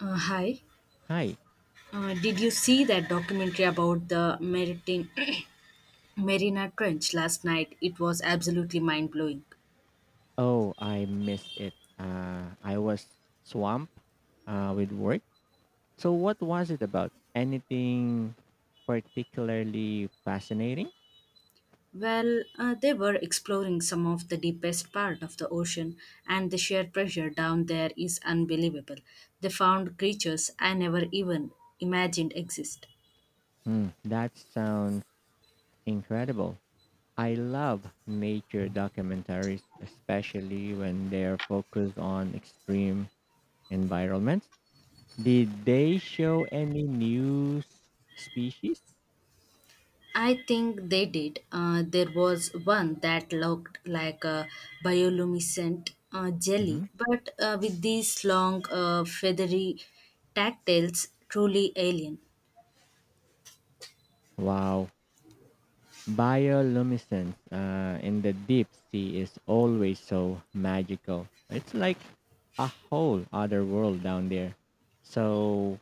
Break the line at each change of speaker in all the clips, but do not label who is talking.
Hi.
Hi.
Did you see that documentary about the Maritim Marina Trench last night? It was absolutely mind blowing.
Oh, I missed it. I was swamped with work. So, what was it about? Anything particularly fascinating?
Well, they were exploring some of the deepest part of the ocean, and the sheer pressure down there is unbelievable. They found creatures I never even imagined exist.
That sounds incredible. I love nature documentaries, especially when they're focused on extreme environments. Did they show any species?
I think they did. There was one that looked like a bioluminescent jelly,
Mhm.
but with these long, feathery tactiles, truly alien.
Wow. Bioluminescence in the deep sea is always so magical. It's like a whole other world down there. So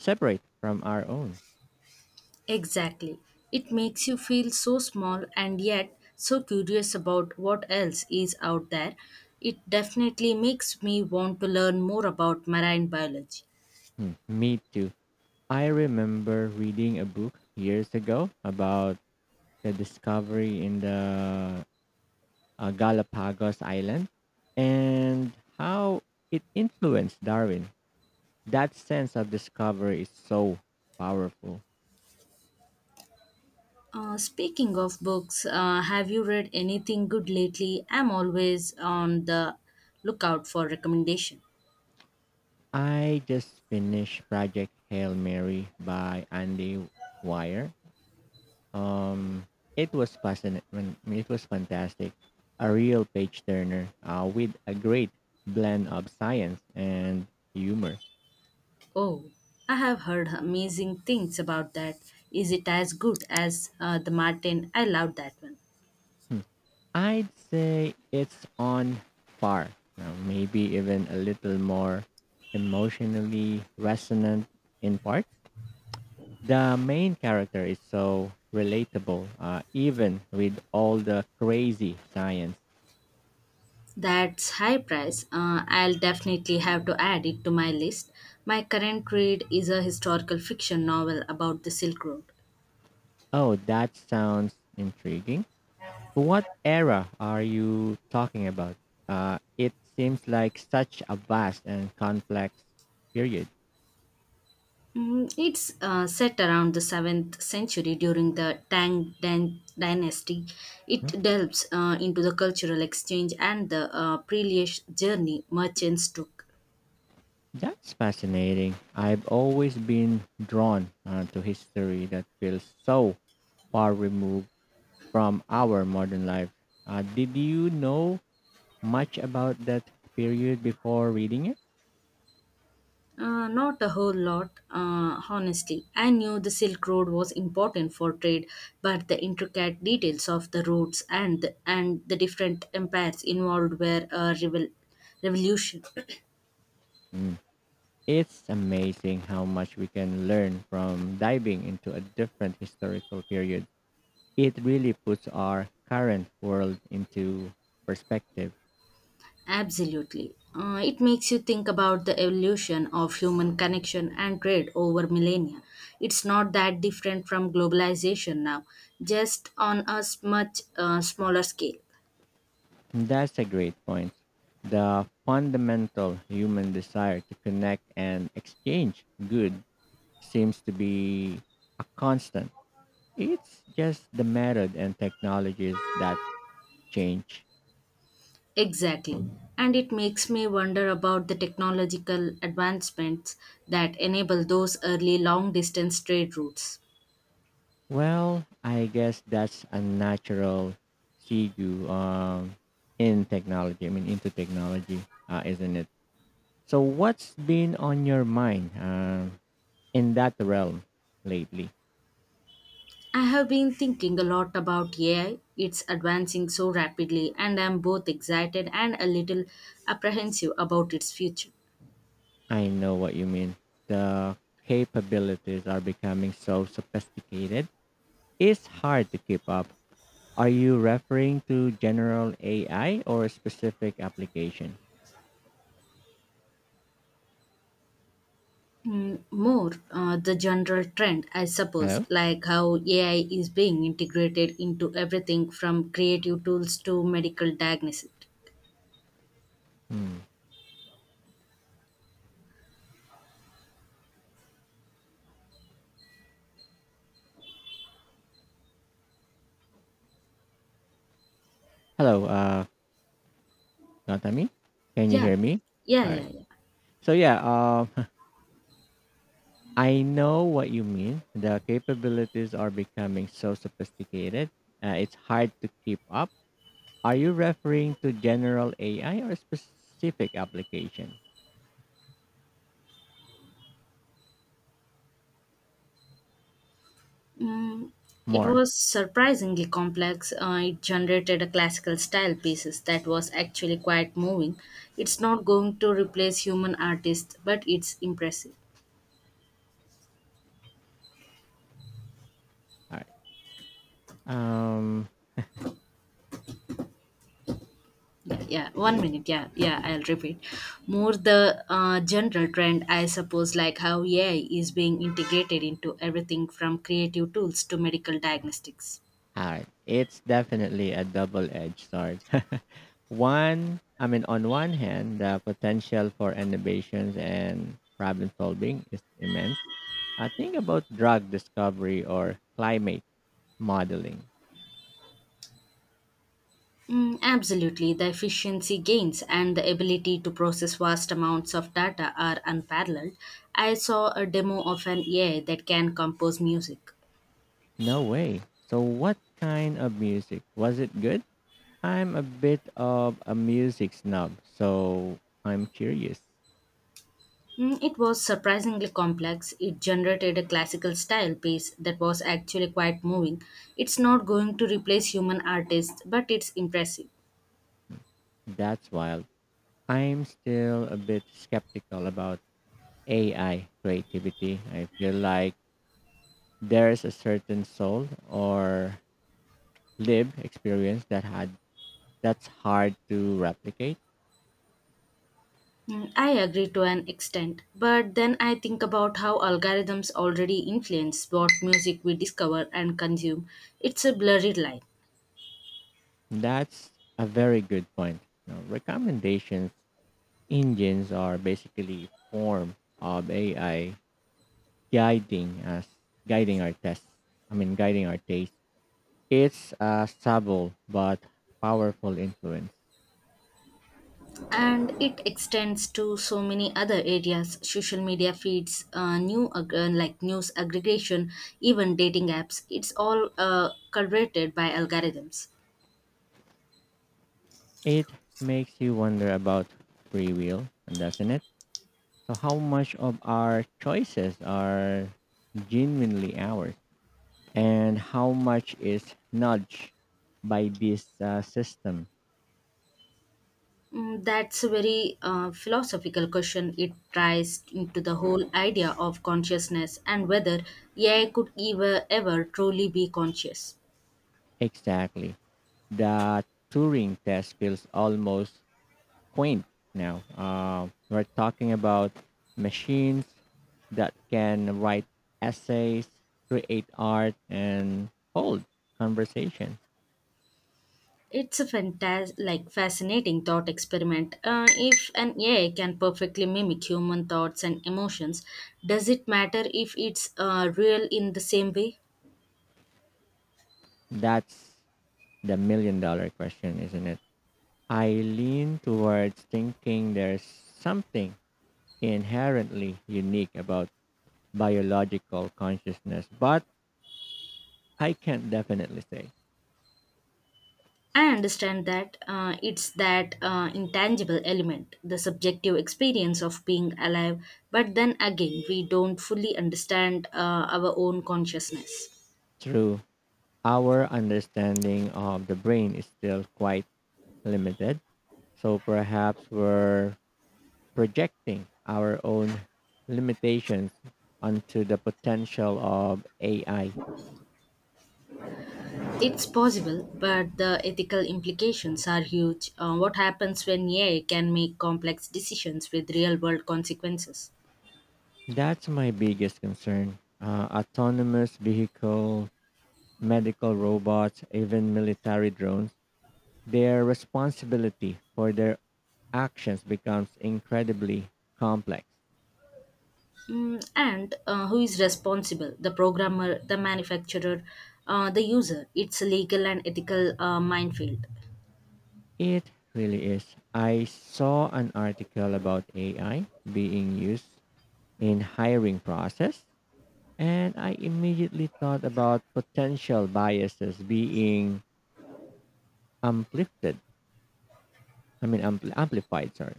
separate from our own.
Exactly. It makes you feel so small and yet so curious about what else is out there. It definitely makes me want to learn more about marine biology.
Me too. I remember reading a book years ago about the discovery in the Galapagos Island and how it influenced Darwin. That sense of discovery is so powerful.
Speaking of books, have you read anything good lately? I'm always on the lookout for recommendation.
I just finished Project Hail Mary by Andy Wire. Um, it was fascinating. It was fantastic. A real page turner with a great blend of science and humor.
Oh, I have heard amazing things about that. Is it as good as the Martin? I loved that one.
Hmm. I'd say it's on par, maybe even a little more emotionally resonant in parts. The main character is so relatable, even with all the crazy science.
That's high price. I'll definitely have to add it to my list. My current read is a historical fiction novel about the Silk Road.
Oh, that sounds intriguing. What era are you talking about? It seems like such a vast and complex period.
It's set around the 7th century during the dynasty. It delves into the cultural exchange and the perilous journey merchants took.
That's fascinating. I've always been drawn to history that feels so far removed from our modern life. Did you know much about that period before reading it?
Not a whole lot, honestly. I knew the Silk Road was important for trade, but the intricate details of the routes and the different empires involved were a revolution.
Mm. It's amazing how much we can learn from diving into a different historical period. It really puts our current world into perspective.
Absolutely. It makes you think about the evolution of human connection and trade over millennia. It's not that different from globalization now, just on a much smaller scale.
That's a great point. The fundamental human desire to connect and exchange good seems to be a constant. It's just the method and technologies that change.
Exactly. And it makes me wonder about the technological advancements that enable those early long distance trade routes.
Well, I guess that's a natural segue in technology. I mean, into technology, isn't it? So, what's been on your mind in that realm lately?
I have been thinking a lot about AI. It's advancing so rapidly, and I'm both excited and a little apprehensive about its future.
I know what you mean. The capabilities are becoming so sophisticated; it's hard to keep up. Are you referring to general AI or a specific application?
More the general trend, I suppose,
Hello.
like how AI is being integrated into everything from creative tools to medical diagnosis.
Hmm. Hello. Natami, can you
Yeah,
hear me?
yeah,
All
yeah,
right.
yeah.
So yeah, I know what you mean. The capabilities are becoming so sophisticated. It's hard to keep up. Are you referring to general AI or specific application?
Mm, it
More.
was surprisingly complex. It generated a classical style pieces that was actually quite moving. It's not going to replace human artists, but it's impressive.
All right. Um,
Yeah, yeah.
is
one
it?
minute yeah, yeah, I'll repeat more the general trend, I suppose, like how AI is being integrated into everything from creative tools to medical diagnostics.
All right. It's definitely a double-edged sword. On one hand, the potential for innovations and problem solving is immense. Think about drug discovery or climate modeling.
Absolutely, the efficiency gains and the ability to process vast amounts of data are unparalleled. I saw a demo of an AI that can compose music.
No way. So what kind of music? Was it good? I'm a bit of a music snob, so I'm curious.
It was surprisingly complex. It generated a classical style piece that was actually quite moving. It's not going to replace human artists, but it's impressive.
That's wild. I'm still a bit skeptical about AI creativity. I feel like there's a certain soul or lived experience that's hard to replicate.
I agree to an extent, but then I think about how algorithms already influence what music we discover and consume. It's a blurry line.
That's a very good point. Now, recommendations engines are basically form of AI guiding us guiding our test I mean guiding our taste. It's a subtle but powerful influence.
And it extends to so many other areas: social media feeds, like news aggregation, even dating apps. It's all curated by algorithms.
It makes you wonder about free will, doesn't it? So how much of our choices are genuinely ours, and how much is nudged by this system?
That's a very philosophical question. It ties into the whole idea of consciousness and whether AI could ever truly be conscious.
Exactly. The Turing test feels almost quaint now. We're talking about machines that can write essays, create art, and hold conversation.
It's a fantas like fascinating thought experiment. If an AI can perfectly mimic human thoughts and emotions, does it matter if it's real in the same way?
That's the million dollar question, isn't it? I lean towards thinking there's something inherently unique about biological consciousness, but I can not definitely say.
I understand that it's that intangible element, the subjective experience of being alive. But then again, we don't fully understand our own consciousness.
True, our understanding of the brain is still quite limited. So perhaps we're projecting our own limitations onto the potential of AI.
It's possible, but the ethical implications are huge. What happens when AI can make complex decisions with real world consequences?
That's my biggest concern. Autonomous vehicle, medical robots, even military drones, their responsibility for their actions becomes incredibly complex.
And who is responsible? The programmer, the manufacturer, the user. It's a legal and ethical minefield.
It really is. I saw an article about AI being used in hiring process. And I immediately thought about potential biases being amplified. I mean, ampli- amplified, sorry.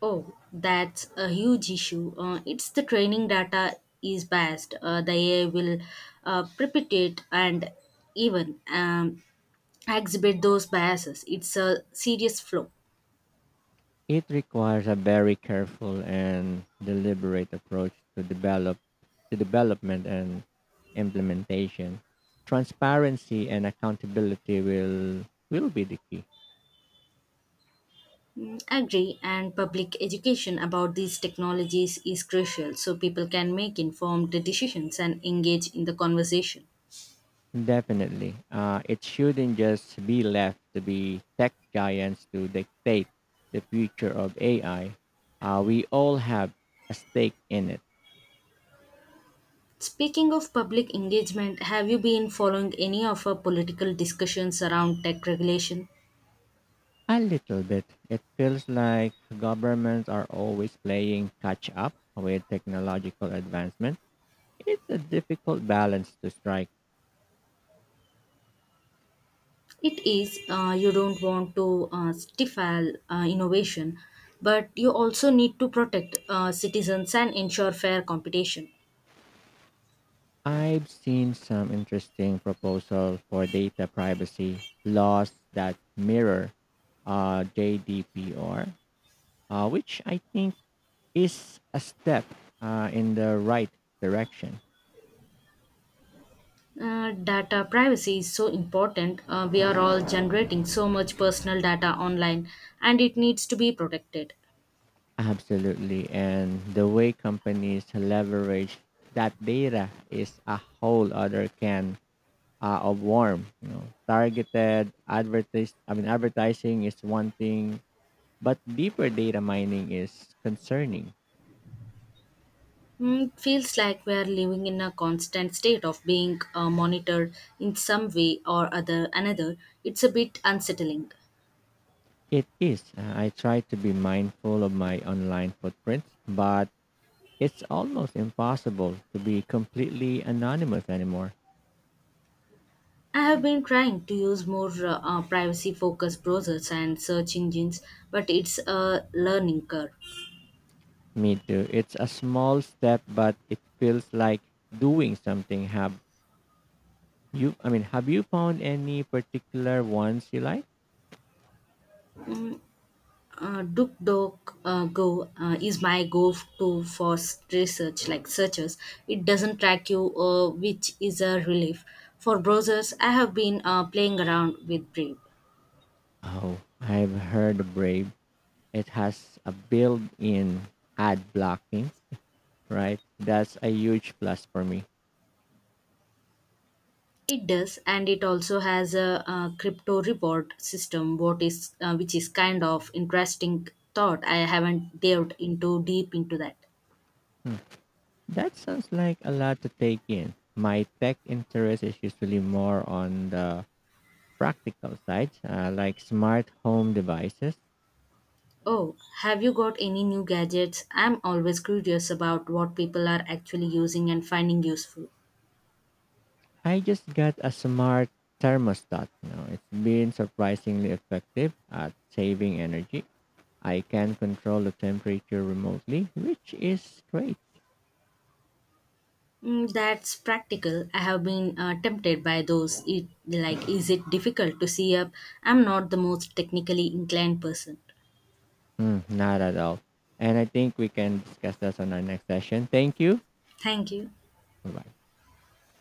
Oh, that's a huge issue. It's the training data is biased. The AI will perpetuate and even exhibit those biases. It's a serious flaw.
It requires a very careful and deliberate approach to development and implementation. Transparency and accountability will be the key.
Agree, and public education about these technologies is crucial so people can make informed decisions and engage in the conversation.
Definitely. It shouldn't just be left to be tech giants to dictate the future of AI. We all have a stake in it.
Speaking of public engagement, have you been following any of our political discussions around tech regulation?
A little bit. It feels like governments are always playing catch up with technological advancement. It's a difficult balance to strike.
It is. You don't want to stifle innovation, but you also need to protect citizens and ensure fair competition.
I've seen some interesting proposals for data privacy laws that mirror JDPR, which I think is a step in the right direction.
Data privacy is so important. We are all generating so much personal data online and it needs to be protected.
Absolutely. And the way companies leverage that data is a whole other can of worm. You know, targeted advertise. I mean, advertising is one thing, but deeper data mining is concerning.
It feels like we are living in a constant state of being monitored in some way or other another. It's a bit unsettling.
It is. I try to be mindful of my online footprint, but it's almost impossible to be completely anonymous anymore.
I have been trying to use more privacy focused browsers and search engines, but it's a learning curve.
Me too. It's a small step, but it feels like doing something. Have you found any particular ones you like?
DuckDuckGo Go is my go-to for research, like searches. It doesn't track you, which is a relief. For browsers, I have been playing around with Brave.
Oh, I've heard Brave. It has a built in ad blocking, right? That's a huge plus for me.
It does, and it also has a, crypto reward system, what is which is kind of interesting thought. I haven't delved into deep into that.
Hmm. That sounds like a lot to take in. My tech interest is usually more on the practical side, like smart home devices.
Oh, have you got any new gadgets? I'm always curious about what people are actually using and finding useful.
I just got a smart thermostat now. It's been surprisingly effective at saving energy. I can control the temperature remotely, which is great.
That's practical. I have been tempted by those. It, like, is it difficult to see up? I'm not the most technically inclined person.
Mm, not at all. And I think we can discuss that on our next session. Thank you.
Thank you.
Bye bye.